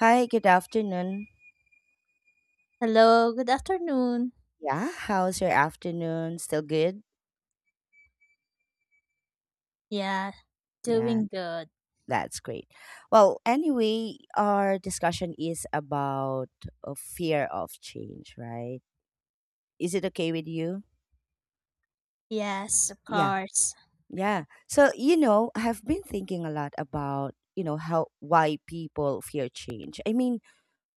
Hi, good afternoon. Hello, good afternoon. Yeah, how's your afternoon? Still good? Yeah, Yeah, doing good. that's great. Well, anyway, our discussion is about fear of change, right? Is it okay with you? Yes, of Yeah, course. yeah. So, I've been thinking a lot about, how why people fear change. I mean,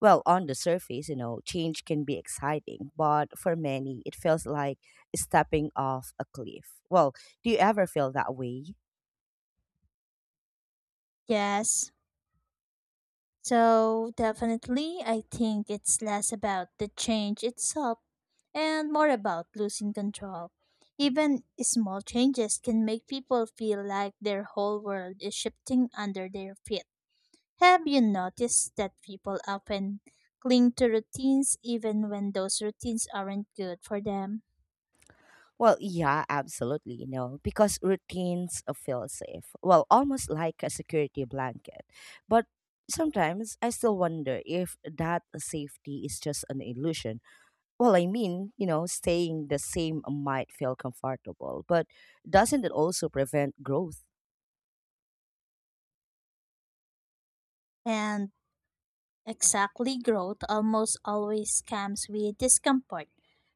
well, on the surface, change can be exciting, but for many, it feels like stepping off a cliff. Well, do you ever feel that way? Yes. So, definitely, I think it's less about the change itself and more about losing control. Even small changes can make people feel like their whole world is shifting under their feet. Have you noticed that people often cling to routines even when those routines aren't good for them? Well, yeah, absolutely, because routines feel safe. Well, almost like a security blanket. But sometimes I still wonder if that safety is just an illusion. Well, I mean, staying the same might feel comfortable, but doesn't it also prevent growth? And Exactly, growth almost always comes with discomfort.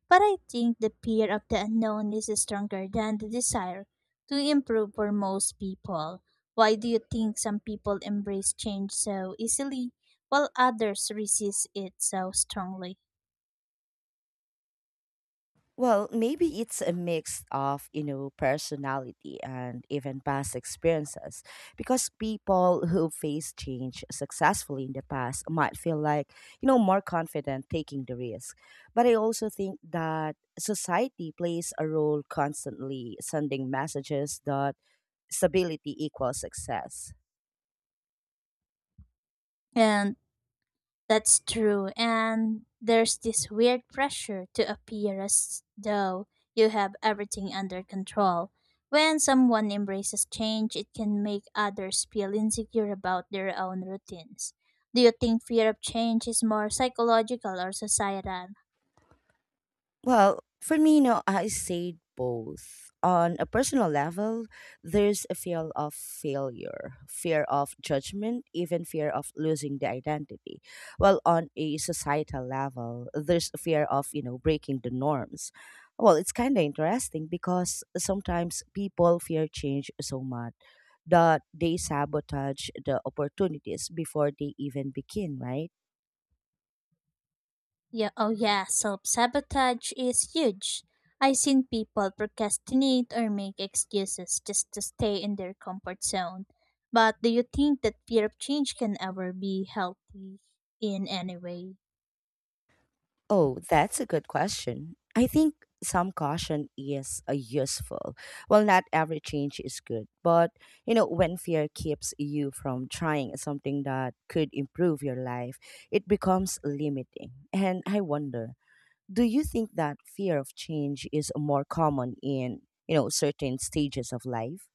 But I think the fear of the unknown is stronger than the desire to improve for most people. Why do you think some people embrace change so easily while others resist it so strongly? Well, maybe it's a mix of, personality and even past experiences. Because people who face change successfully in the past might feel like, more confident taking the risk. But I also think that society plays a role constantly sending messages that stability equals success. And That's true. And there's this weird pressure to appear as though you have everything under control. When someone embraces change, it can make others feel insecure about their own routines. Do you think fear of change is more psychological or societal? Well, for me, no, I said both. On a personal level, there's a fear of failure, fear of judgment, even fear of losing the identity. Well, on a societal level, there's a fear of, breaking the norms. Well, it's kind of interesting because sometimes people fear change so much that they sabotage the opportunities before they even begin, right? Yeah, oh yeah, self sabotage is huge. I've seen people procrastinate or make excuses just to stay in their comfort zone. But do you think that fear of change can ever be healthy in any way? Oh, that's a good question. I think some caution is useful. Well, not every change is good, but when fear keeps you from trying something that could improve your life, it becomes limiting. And I wonder, do you think that fear of change is more common in, certain stages of life?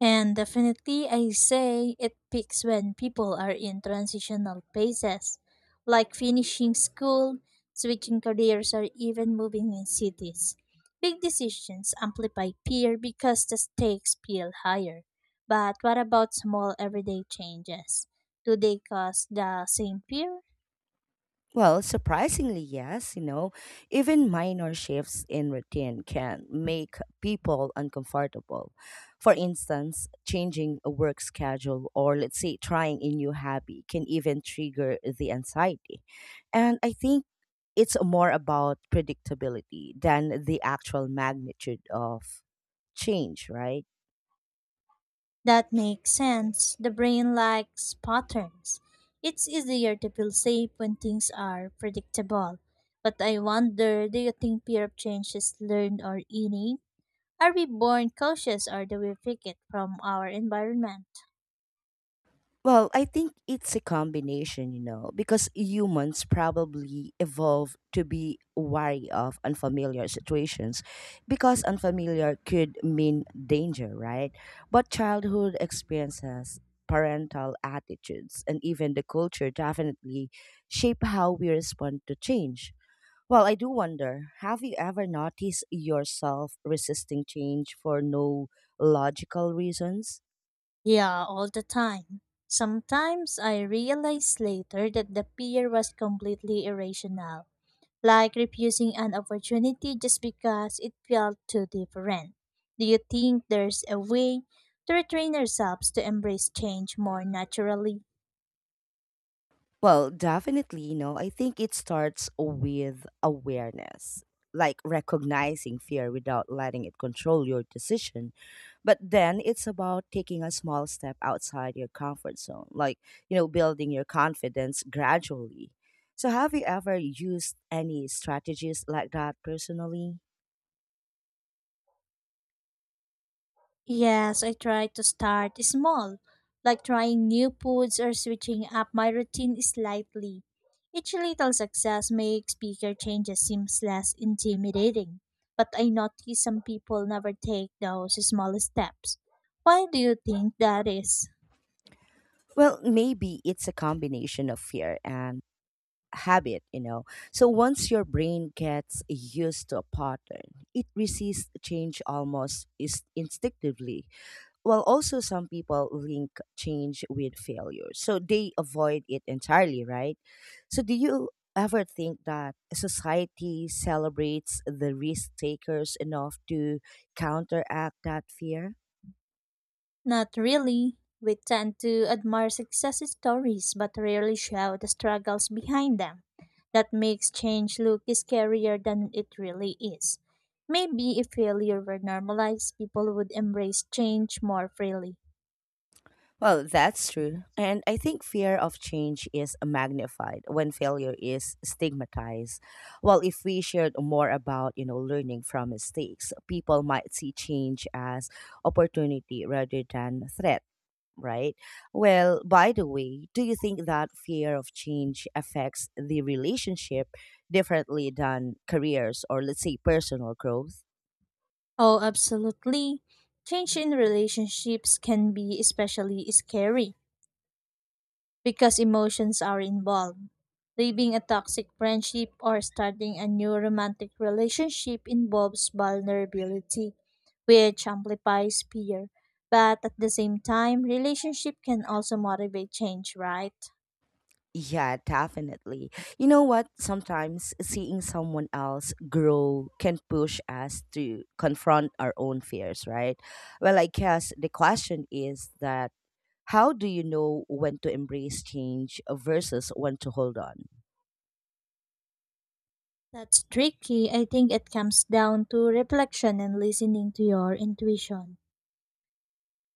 And definitely, I say it peaks when people are in transitional phases, like finishing school, switching careers, or even moving in cities. Big decisions amplify fear because the stakes feel higher. But what about small everyday changes? Do they cause the same fear? Well, surprisingly, yes. Even minor shifts in routine can make people uncomfortable. For instance, changing a work schedule or, let's say, trying a new hobby can even trigger the anxiety. And I think it's more about predictability than the actual magnitude of change, right? That makes sense. The brain likes patterns. It's easier to feel safe when things are predictable. But I wonder, do you think fear of change is learned or innate? Are we born cautious, or do we pick it from our environment? Well, I think it's a combination, because humans probably evolved to be wary of unfamiliar situations because unfamiliar could mean danger, right? But childhood experiences, parental attitudes, and even the culture definitely shape how we respond to change. Well, I do wonder, have you ever noticed yourself resisting change for no logical reasons? Yeah, all the time. Sometimes I realize later that the fear was completely irrational, like refusing an opportunity just because it felt too different. Do you think there's a way to retrain ourselves to embrace change more naturally? Well, definitely, I think it starts with awareness, like recognizing fear without letting it control your decision. But then it's about taking a small step outside your comfort zone, like, building your confidence gradually. So, have you ever used any strategies like that personally? Yes, I try to start small, like trying new foods or switching up my routine slightly. Each little success makes bigger changes seems less intimidating, but I notice some people never take those small steps. Why do you think that is? Well, maybe it's a combination of fear and habit. So once your brain gets used to a pattern, it resists change almost is instinctively. While also some people link change with failure. So they avoid it entirely, right? So do you ever think that society celebrates the risk takers enough to counteract that fear? Not really. We tend to admire success stories but rarely show the struggles behind them. That makes change look scarier than it really is. Maybe if failure were normalized, people would embrace change more freely. Well, that's true. And I think fear of change is magnified when failure is stigmatized. Well, if we shared more about, learning from mistakes, people might see change as opportunity rather than threat, right? Well, by the way, do you think that fear of change affects the relationship differently than careers or, let's say, personal growth? Oh, absolutely. Change in relationships can be especially scary, because emotions are involved. Leaving a toxic friendship or starting a new romantic relationship involves vulnerability, which amplifies fear. But at the same time, relationship can also motivate change, right? Yeah, definitely. You know what? Sometimes seeing someone else grow can push us to confront our own fears, right? Well, I guess the question is that how do you know when to embrace change versus when to hold on? That's tricky. I think it comes down to reflection and listening to your intuition.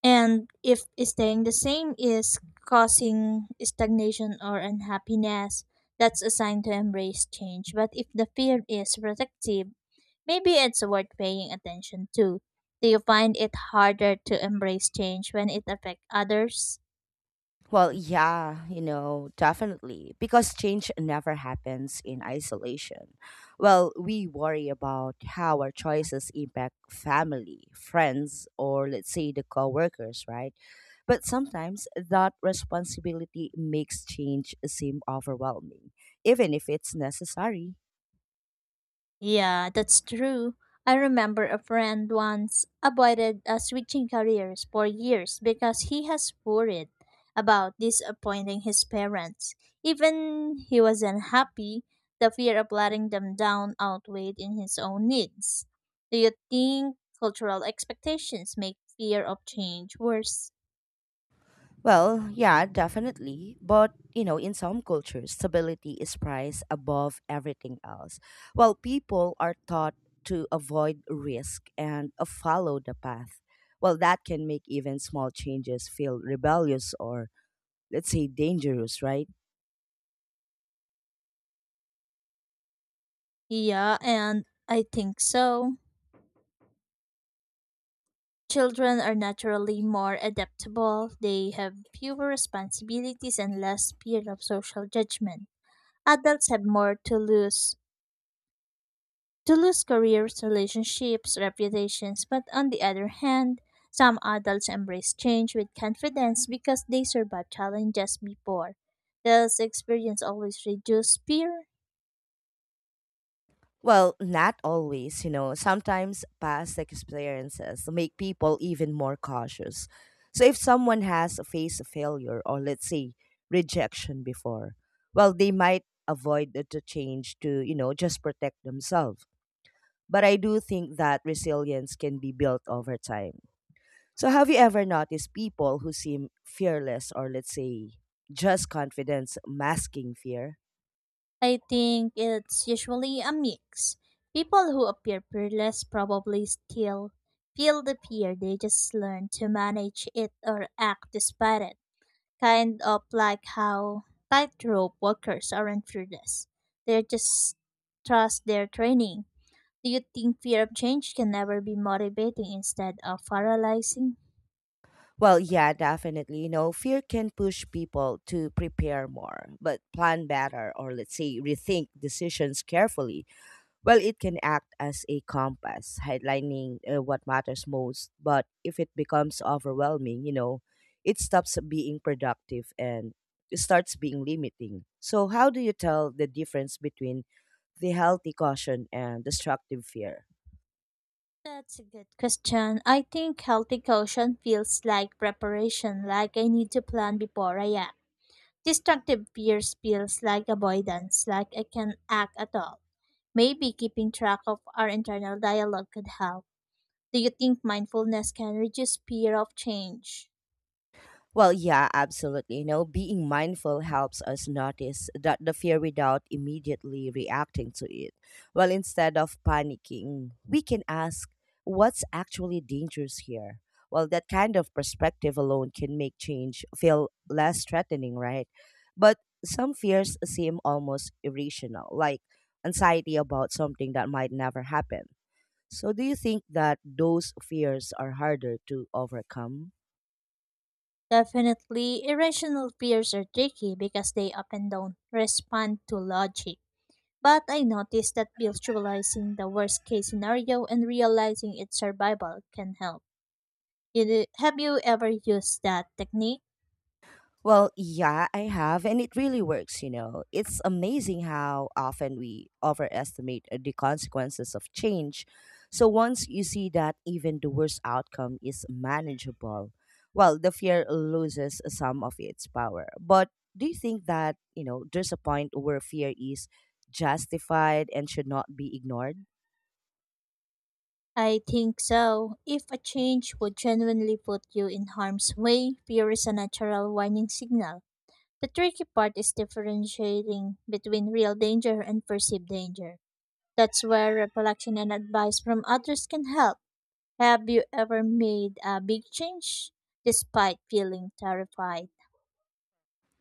And if staying the same is causing stagnation or unhappiness, that's a sign to embrace change. But if the fear is protective, maybe it's worth paying attention to. Do you find it harder to embrace change when it affects others? Well, yeah, definitely. Because change never happens in isolation. Well, we worry about how our choices impact family, friends, or let's say the coworkers, right? But sometimes that responsibility makes change seem overwhelming, even if it's necessary. Yeah, that's true. I remember a friend once avoided switching careers for years because he has worried about disappointing his parents. Even he was unhappy, the fear of letting them down outweighed in his own needs. Do you think cultural expectations make fear of change worse? Well, yeah, definitely. But, in some cultures, stability is prized above everything else. While people are taught to avoid risk and follow the path. Well, that can make even small changes feel rebellious or, let's say, dangerous, right? Yeah, and I think so. Children are naturally more adaptable, they have fewer responsibilities and less fear of social judgment. Adults have more to lose careers, relationships, reputations, but on the other hand, some adults embrace change with confidence because they survived challenges before. Does experience always reduce fear? Well, not always. Sometimes past experiences make people even more cautious. So if someone has faced failure or let's say rejection before, well, they might avoid the change to, just protect themselves. But I do think that resilience can be built over time. So have you ever noticed people who seem fearless or let's say just confidence masking fear? I think it's usually a mix. People who appear fearless probably still feel the fear, they just learn to manage it or act despite it. Kind of like how tightrope walkers aren't fearless, they just trust their training. Do you think fear of change can ever be motivating instead of paralyzing? Well, yeah, definitely. Fear can push people to prepare more, but plan better or let's say rethink decisions carefully. Well, it can act as a compass, highlighting what matters most. But if it becomes overwhelming, it stops being productive and it starts being limiting. So, how do you tell the difference between the healthy caution and destructive fear? That's a good question. I think healthy caution feels like preparation, like I need to plan before I act. Destructive fears feels like avoidance, like I can't act at all. Maybe keeping track of our internal dialogue could help. Do you think mindfulness can reduce fear of change? Well, yeah, absolutely. Being mindful helps us notice that the fear without immediately reacting to it. Well, instead of panicking, we can ask, what's actually dangerous here? Well, that kind of perspective alone can make change feel less threatening, right? But some fears seem almost irrational, like anxiety about something that might never happen. So, do you think that those fears are harder to overcome? Definitely, irrational fears are tricky because they often don't respond to logic. But I noticed that visualizing the worst case scenario and realizing its survival can help. Have you ever used that technique? Well, yeah, I have, and it really works. It's amazing how often we overestimate the consequences of change. So once you see that even the worst outcome is manageable, well, the fear loses some of its power. But do you think that, there's a point where fear is justified and should not be ignored? I think so. If a change would genuinely put you in harm's way, fear is a natural warning signal. The tricky part is differentiating between real danger and perceived danger. That's where reflection and advice from others can help. Have you ever made a big change despite feeling terrified?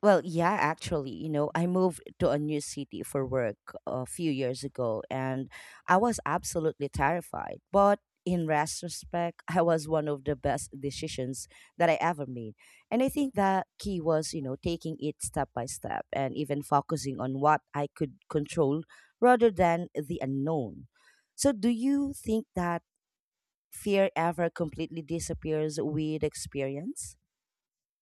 Well, yeah, actually, I moved to a new city for work a few years ago and I was absolutely terrified. But in retrospect, I was one of the best decisions that I ever made. And I think the key was, taking it step by step and even focusing on what I could control rather than the unknown. So, do you think that fear ever completely disappears with experience?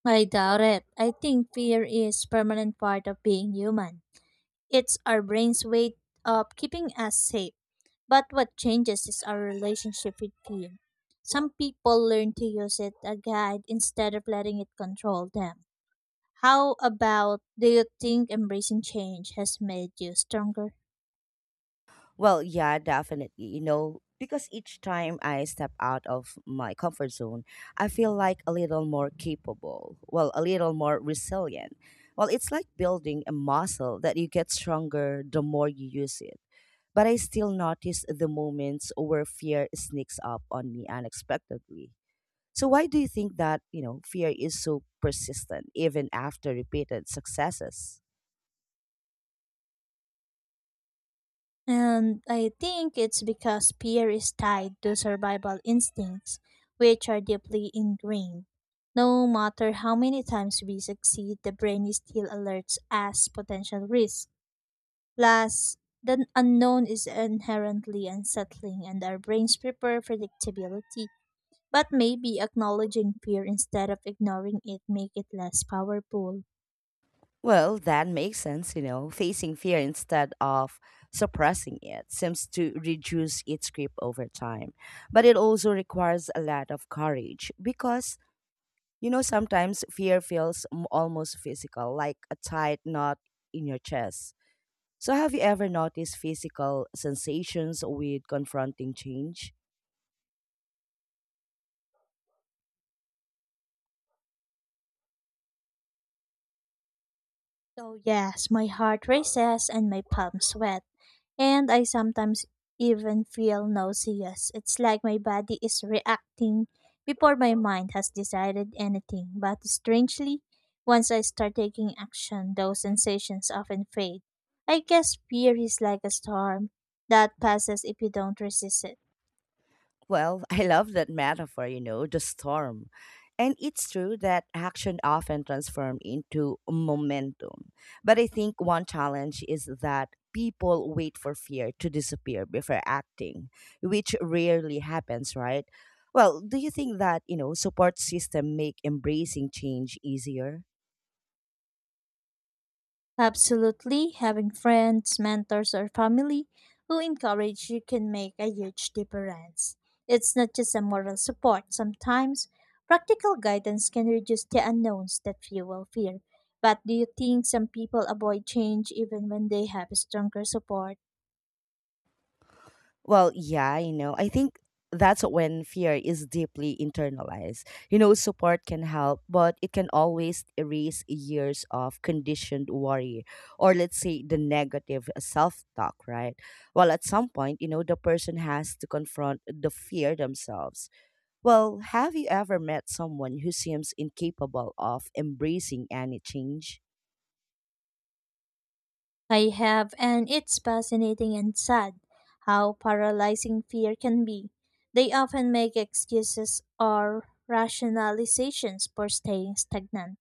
I doubt it. I think fear is permanent part of being human. It's our brain's way of keeping us safe. But what changes is our relationship with pain. Some people learn to use it as a guide instead of letting it control them. How about, do you think embracing change has made you stronger? Well, yeah, definitely. Because each time I step out of my comfort zone, I feel like a little more capable, well, a little more resilient. Well, it's like building a muscle that you get stronger the more you use it. But I still notice the moments where fear sneaks up on me unexpectedly. So why do you think that, fear is so persistent even after repeated successes? And I think it's because fear is tied to survival instincts, which are deeply ingrained. No matter how many times we succeed, the brain still alerts us potential risks. Plus, the unknown is inherently unsettling, and our brains prefer predictability. But maybe acknowledging fear instead of ignoring it make it less powerful. Well, that makes sense. Facing fear instead of suppressing it seems to reduce its grip over time. But it also requires a lot of courage because, sometimes fear feels almost physical, like a tight knot in your chest. So, have you ever noticed physical sensations with confronting change? So yes, my heart races and my palms sweat, and I sometimes even feel nauseous. It's like my body is reacting before my mind has decided anything. But strangely, once I start taking action, those sensations often fade. I guess fear is like a storm that passes if you don't resist it. Well, I love that metaphor, the storm. And it's true that action often transforms into momentum. But I think one challenge is that people wait for fear to disappear before acting, which rarely happens, right? Well, do you think that, support system make embracing change easier? Absolutely, having friends, mentors, or family who encourage you can make a huge difference. It's not just a moral support, sometimes practical guidance can reduce the unknowns that fuel fear. But do you think some people avoid change even when they have stronger support? Well, yeah, I think that's when fear is deeply internalized. Support can help, but it can always erase years of conditioned worry or, let's say, the negative self talk, right? Well, at some point, the person has to confront the fear themselves. Well, have you ever met someone who seems incapable of embracing any change? I have, and it's fascinating and sad how paralyzing fear can be. They often make excuses or rationalizations for staying stagnant.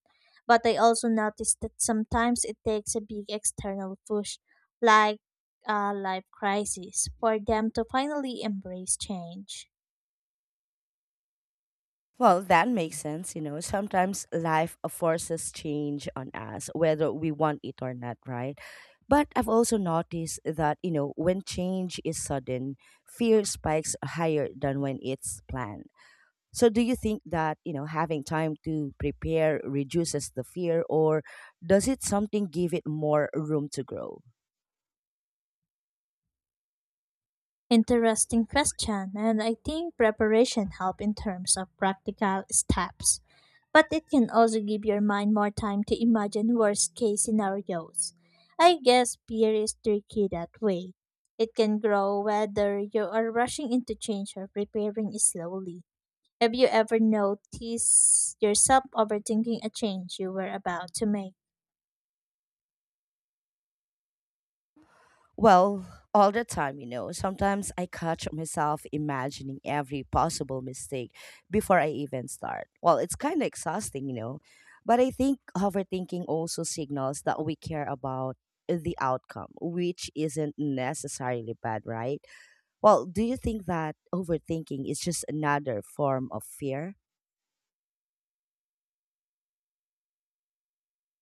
But I also notice that sometimes it takes a big external push, like a life crisis, for them to finally embrace change. Well, that makes sense. Sometimes life forces change on us, whether we want it or not, right? But I've also noticed that, when change is sudden, fear spikes higher than when it's planned. So, do you think that, having time to prepare reduces the fear, or does it something give it more room to grow? Interesting question, and I think preparation help in terms of practical steps. But it can also give your mind more time to imagine worst case scenarios. I guess fear is tricky that way. It can grow whether you are rushing into change or preparing slowly. Have you ever noticed yourself overthinking a change you were about to make? Well, all the time. Sometimes I catch myself imagining every possible mistake before I even start. Well, it's kind of exhausting. But I think overthinking also signals that we care about the outcome, which isn't necessarily bad, right? Well, do you think that overthinking is just another form of fear?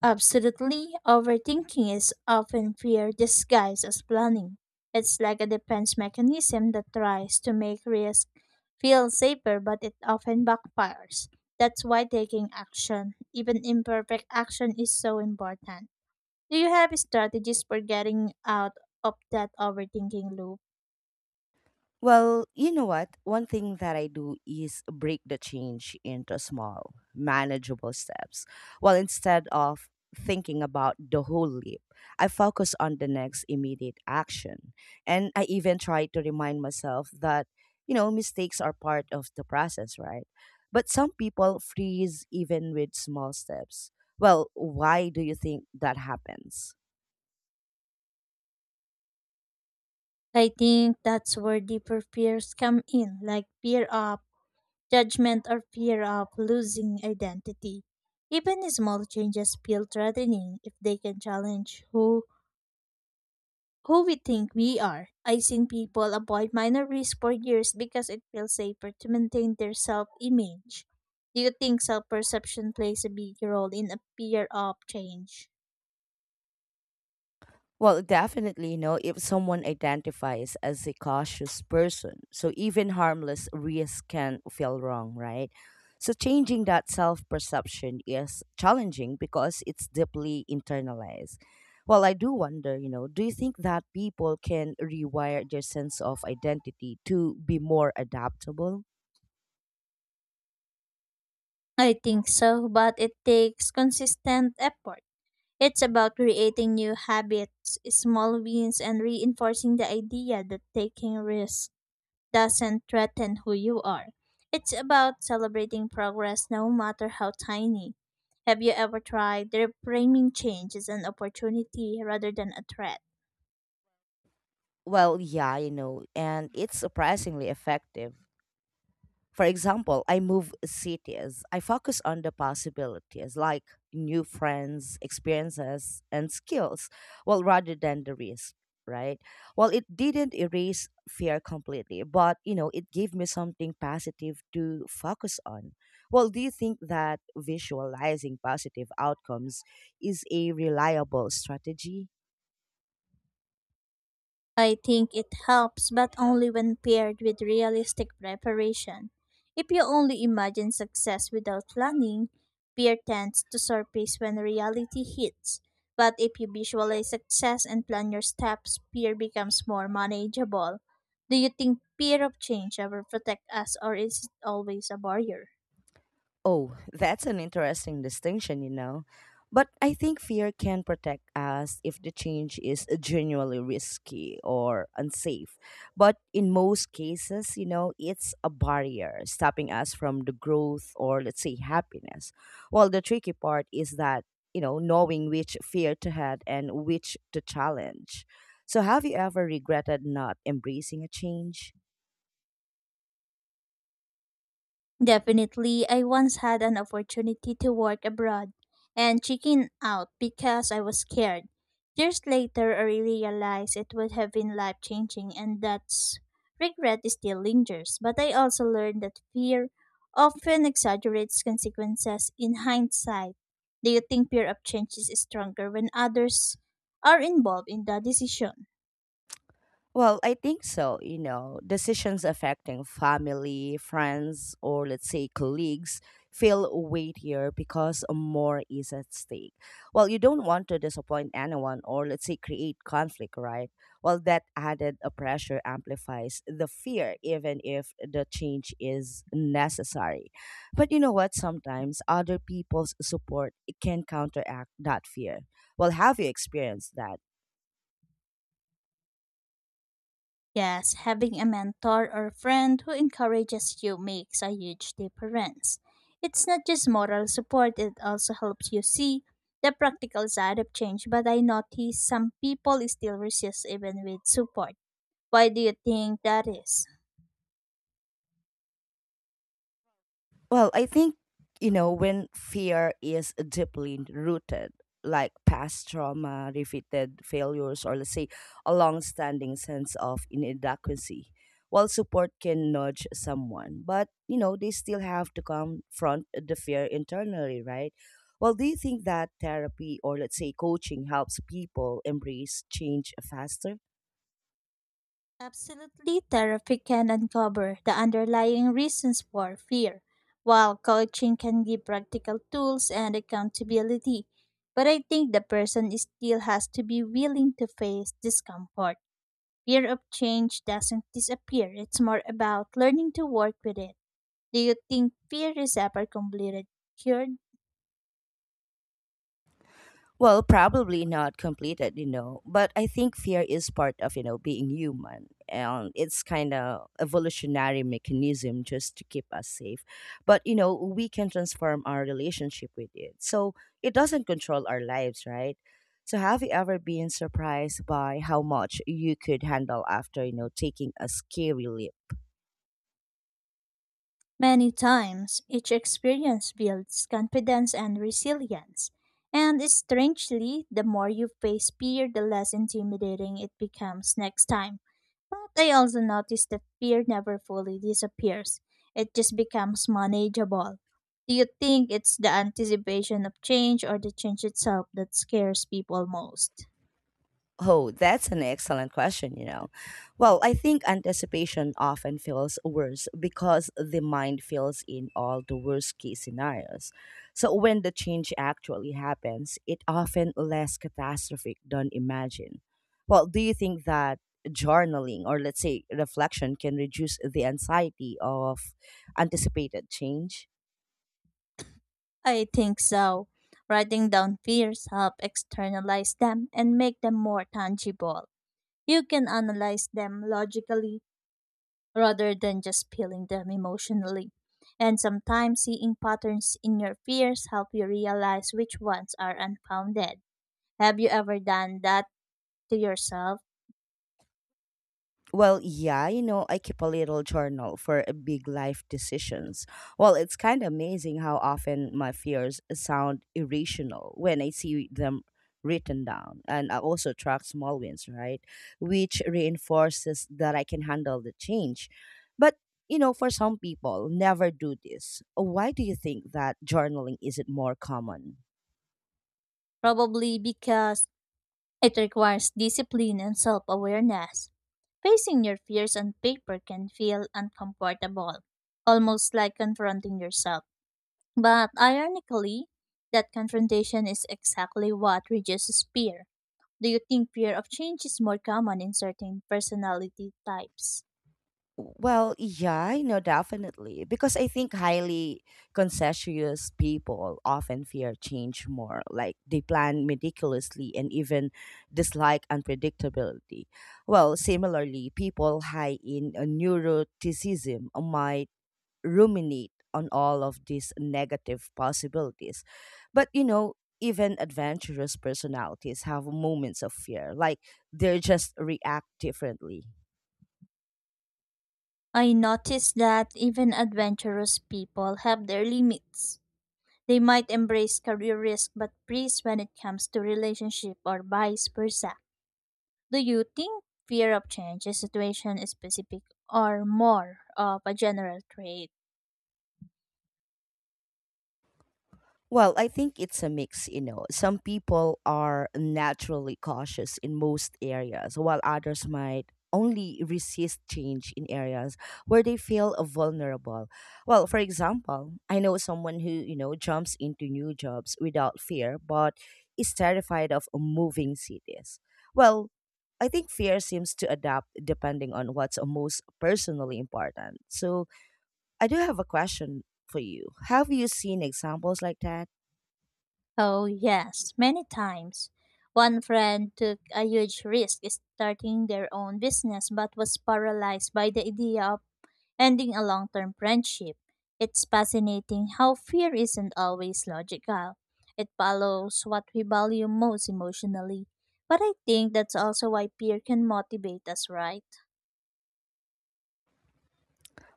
Absolutely, overthinking is often fear disguised as planning. It's like a defense mechanism that tries to make risk feel safer, but it often backfires. That's why taking action, even imperfect action, is so important. Do you have strategies for getting out of that overthinking loop? Well, you know what? One thing that I do is break the change into small, manageable steps. Well, instead of thinking about the whole leap, I focus on the next immediate action. And I even try to remind myself that, mistakes are part of the process, right? But some people freeze even with small steps. Well, why do you think that happens? I think that's where deeper fears come in, like fear of judgment or fear of losing identity. Even small changes feel threatening if they can challenge who we think we are. I've seen people avoid minor risks for years because it feels safer to maintain their self-image. Do you think self-perception plays a big role in a fear of change? Well, definitely, if someone identifies as a cautious person, so even harmless risks can feel wrong, right? So changing that self perception is challenging because it's deeply internalized. Well, I do wonder, do you think that people can rewire their sense of identity to be more adaptable? I think so, but it takes consistent effort. It's about creating new habits, small wins, and reinforcing the idea that taking risks doesn't threaten who you are. It's about celebrating progress no matter how tiny. Have you ever tried reframing change as an opportunity rather than a threat? Well, yeah, and it's surprisingly effective. For example, I move cities. I focus on the possibilities like new friends, experiences, and skills, well, rather than the risk, right? Well, it didn't erase fear completely, but you know, it gave me something positive to focus on. Well, do you think that visualizing positive outcomes is a reliable strategy? I think it helps, but only when paired with realistic preparation. If you only imagine success without planning, fear tends to surface when reality hits. But if you visualize success and plan your steps, fear becomes more manageable. Do you think fear of change ever protects us, or is it always a barrier? Oh, that's an interesting distinction, you know. But I think fear can protect us if the change is genuinely risky or unsafe. But in most cases, you know, it's a barrier stopping us from the growth or, let's say, happiness. Well, the tricky part is that, you know, knowing which fear to head and which to challenge. So, have you ever regretted not embracing a change? Definitely, I once had an opportunity to work abroad and chicken out because I was scared. Years later, I really realized it would have been life changing, and that's regret still lingers. But I also learned that fear often exaggerates consequences in hindsight. Do you think fear of change is stronger when others are involved in the decision? Well, I think so. You know, decisions affecting family, friends, or let's say colleagues feel weightier because more is at stake. Well, you don't want to disappoint anyone or let's say create conflict, right? Well, that added pressure amplifies the fear, even if the change is necessary. But you know what? Sometimes other people's support can counteract that fear. Well, have you experienced that? Yes, having a mentor or friend who encourages you makes a huge difference. It's not just moral support, it also helps you see the practical side of change. But I notice some people still resist even with support. Why do you think that is? Well, I think, you know, when fear is deeply rooted, like past trauma, repeated failures, or let's say a long standing sense of inadequacy, while support can nudge someone, but, you know, they still have to confront the fear internally, right? Well, do you think that therapy or, let's say, coaching helps people embrace change faster? Absolutely, therapy can uncover the underlying reasons for fear, while coaching can give practical tools and accountability. But I think the person still has to be willing to face discomfort. Fear of change doesn't disappear, it's more about learning to work with it. Do you think fear is ever completely cured? Well, probably not completed, you know, but I think fear is part of, you know, being human. And it's kind of evolutionary mechanism just to keep us safe. But, you know, we can transform our relationship with it. So it doesn't control our lives, right? So have you ever been surprised by how much you could handle after, you know, taking a scary leap? Many times, each experience builds confidence and resilience. And strangely, the more you face fear, the less intimidating it becomes next time. But I also noticed that fear never fully disappears, it just becomes manageable. Do you think it's the anticipation of change or the change itself that scares people most? Oh, that's an excellent question, you know. Well, I think anticipation often feels worse because the mind fills in all the worst case scenarios. So when the change actually happens, it often less catastrophic than imagined. Well, do you think that journaling or let's say reflection can reduce the anxiety of anticipated change? I think so. Writing down fears help externalize them and make them more tangible. You can analyze them logically rather than just feeling them emotionally. And sometimes seeing patterns in your fears help you realize which ones are unfounded. Have you ever done that to yourself? Well, yeah, you know, I keep a little journal for big life decisions. Well, it's kind of amazing how often my fears sound irrational when I see them written down. And I also track small wins, right? Which reinforces that I can handle the change. But, you know, for some people, never do this. Why do you think that journaling isn't more common? Probably because it requires discipline and self awareness. Facing your fears on paper can feel uncomfortable, almost like confronting yourself. But ironically, that confrontation is exactly what reduces fear. Do you think fear of change is more common in certain personality types? Well, yeah, I know definitely because I think highly conscientious people often fear change more. Like they plan meticulously and even dislike unpredictability. Well, similarly, people high in neuroticism might ruminate on all of these negative possibilities. But you know, even adventurous personalities have moments of fear, like they just react differently. I notice that even adventurous people have their limits. They might embrace career risk but freeze when it comes to relationship or vice versa. Do you think fear of change is situation specific or more of a general trait? Well, I think it's a mix, you know. Some people are naturally cautious in most areas, while others might only resist change in areas where they feel vulnerable. Well, for example, I know someone who, you know, jumps into new jobs without fear, but is terrified of moving cities. Well, I think fear seems to adapt depending on what's most personally important. So, I do have a question for you. Have you seen examples like that? Oh, yes, many times. One friend took a huge risk starting their own business but was paralyzed by the idea of ending a long term friendship. It's fascinating how fear isn't always logical. It follows what we value most emotionally. But I think that's also why fear can motivate us, right?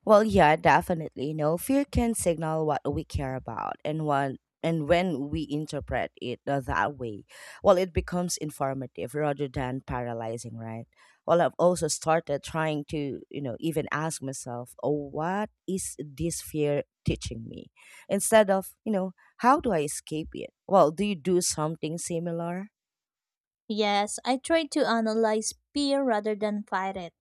Well, yeah, definitely. No, fear can signal what we care about and what and when we interpret it that way, well, it becomes informative rather than paralyzing, right? Well, I've also started trying to, you know, even ask myself, oh, what is this fear teaching me? Instead of, you know, how do I escape it? Well, do you do something similar? Yes, I try to analyze fear rather than fight it.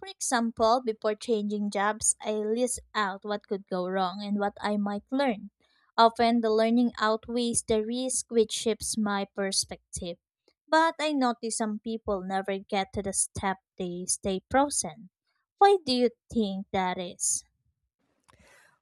For example, before changing jobs, I list out what could go wrong and what I might learn. Often, the learning outweighs the risk, which shifts my perspective. But I notice some people never get to the step they stay frozen. Why do you think that is?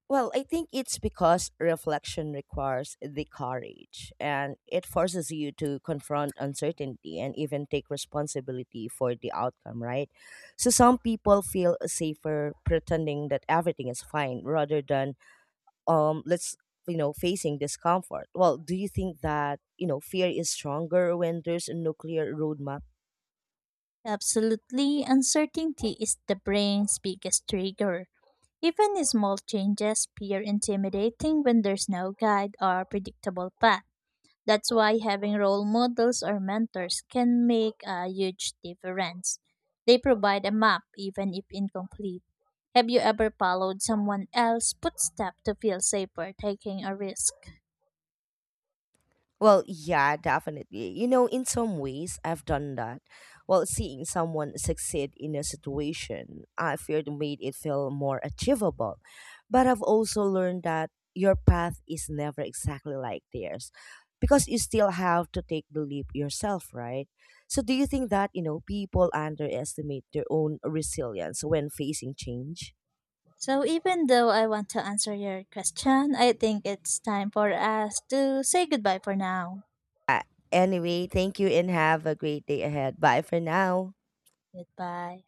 Well, I think it's because reflection requires the courage and it forces you to confront uncertainty and even take responsibility for the outcome, right? So some people feel safer pretending that everything is fine rather than let's you know facing discomfort. Well, do you think that, you know, fear is stronger when there's a nuclear roadmap? Absolutely, uncertainty is the brain's biggest trigger. Even small changes appear intimidating when there's no guide or predictable path. That's why having role models or mentors can make a huge difference. They provide a map, even if incomplete. Have you ever followed someone else's footsteps to feel safer taking a risk? Well, yeah, definitely. You know, in some ways, I've done that. Well, seeing someone succeed in a situation, I feared made it feel more achievable. But I've also learned that your path is never exactly like theirs because you still have to take the leap yourself, right? So, do you think that, you know, people underestimate their own resilience when facing change? So, even though I want to answer your question, I think it's time for us to say goodbye for now. Uh, anyway, thank you and have a great day ahead. Bye for now. Goodbye.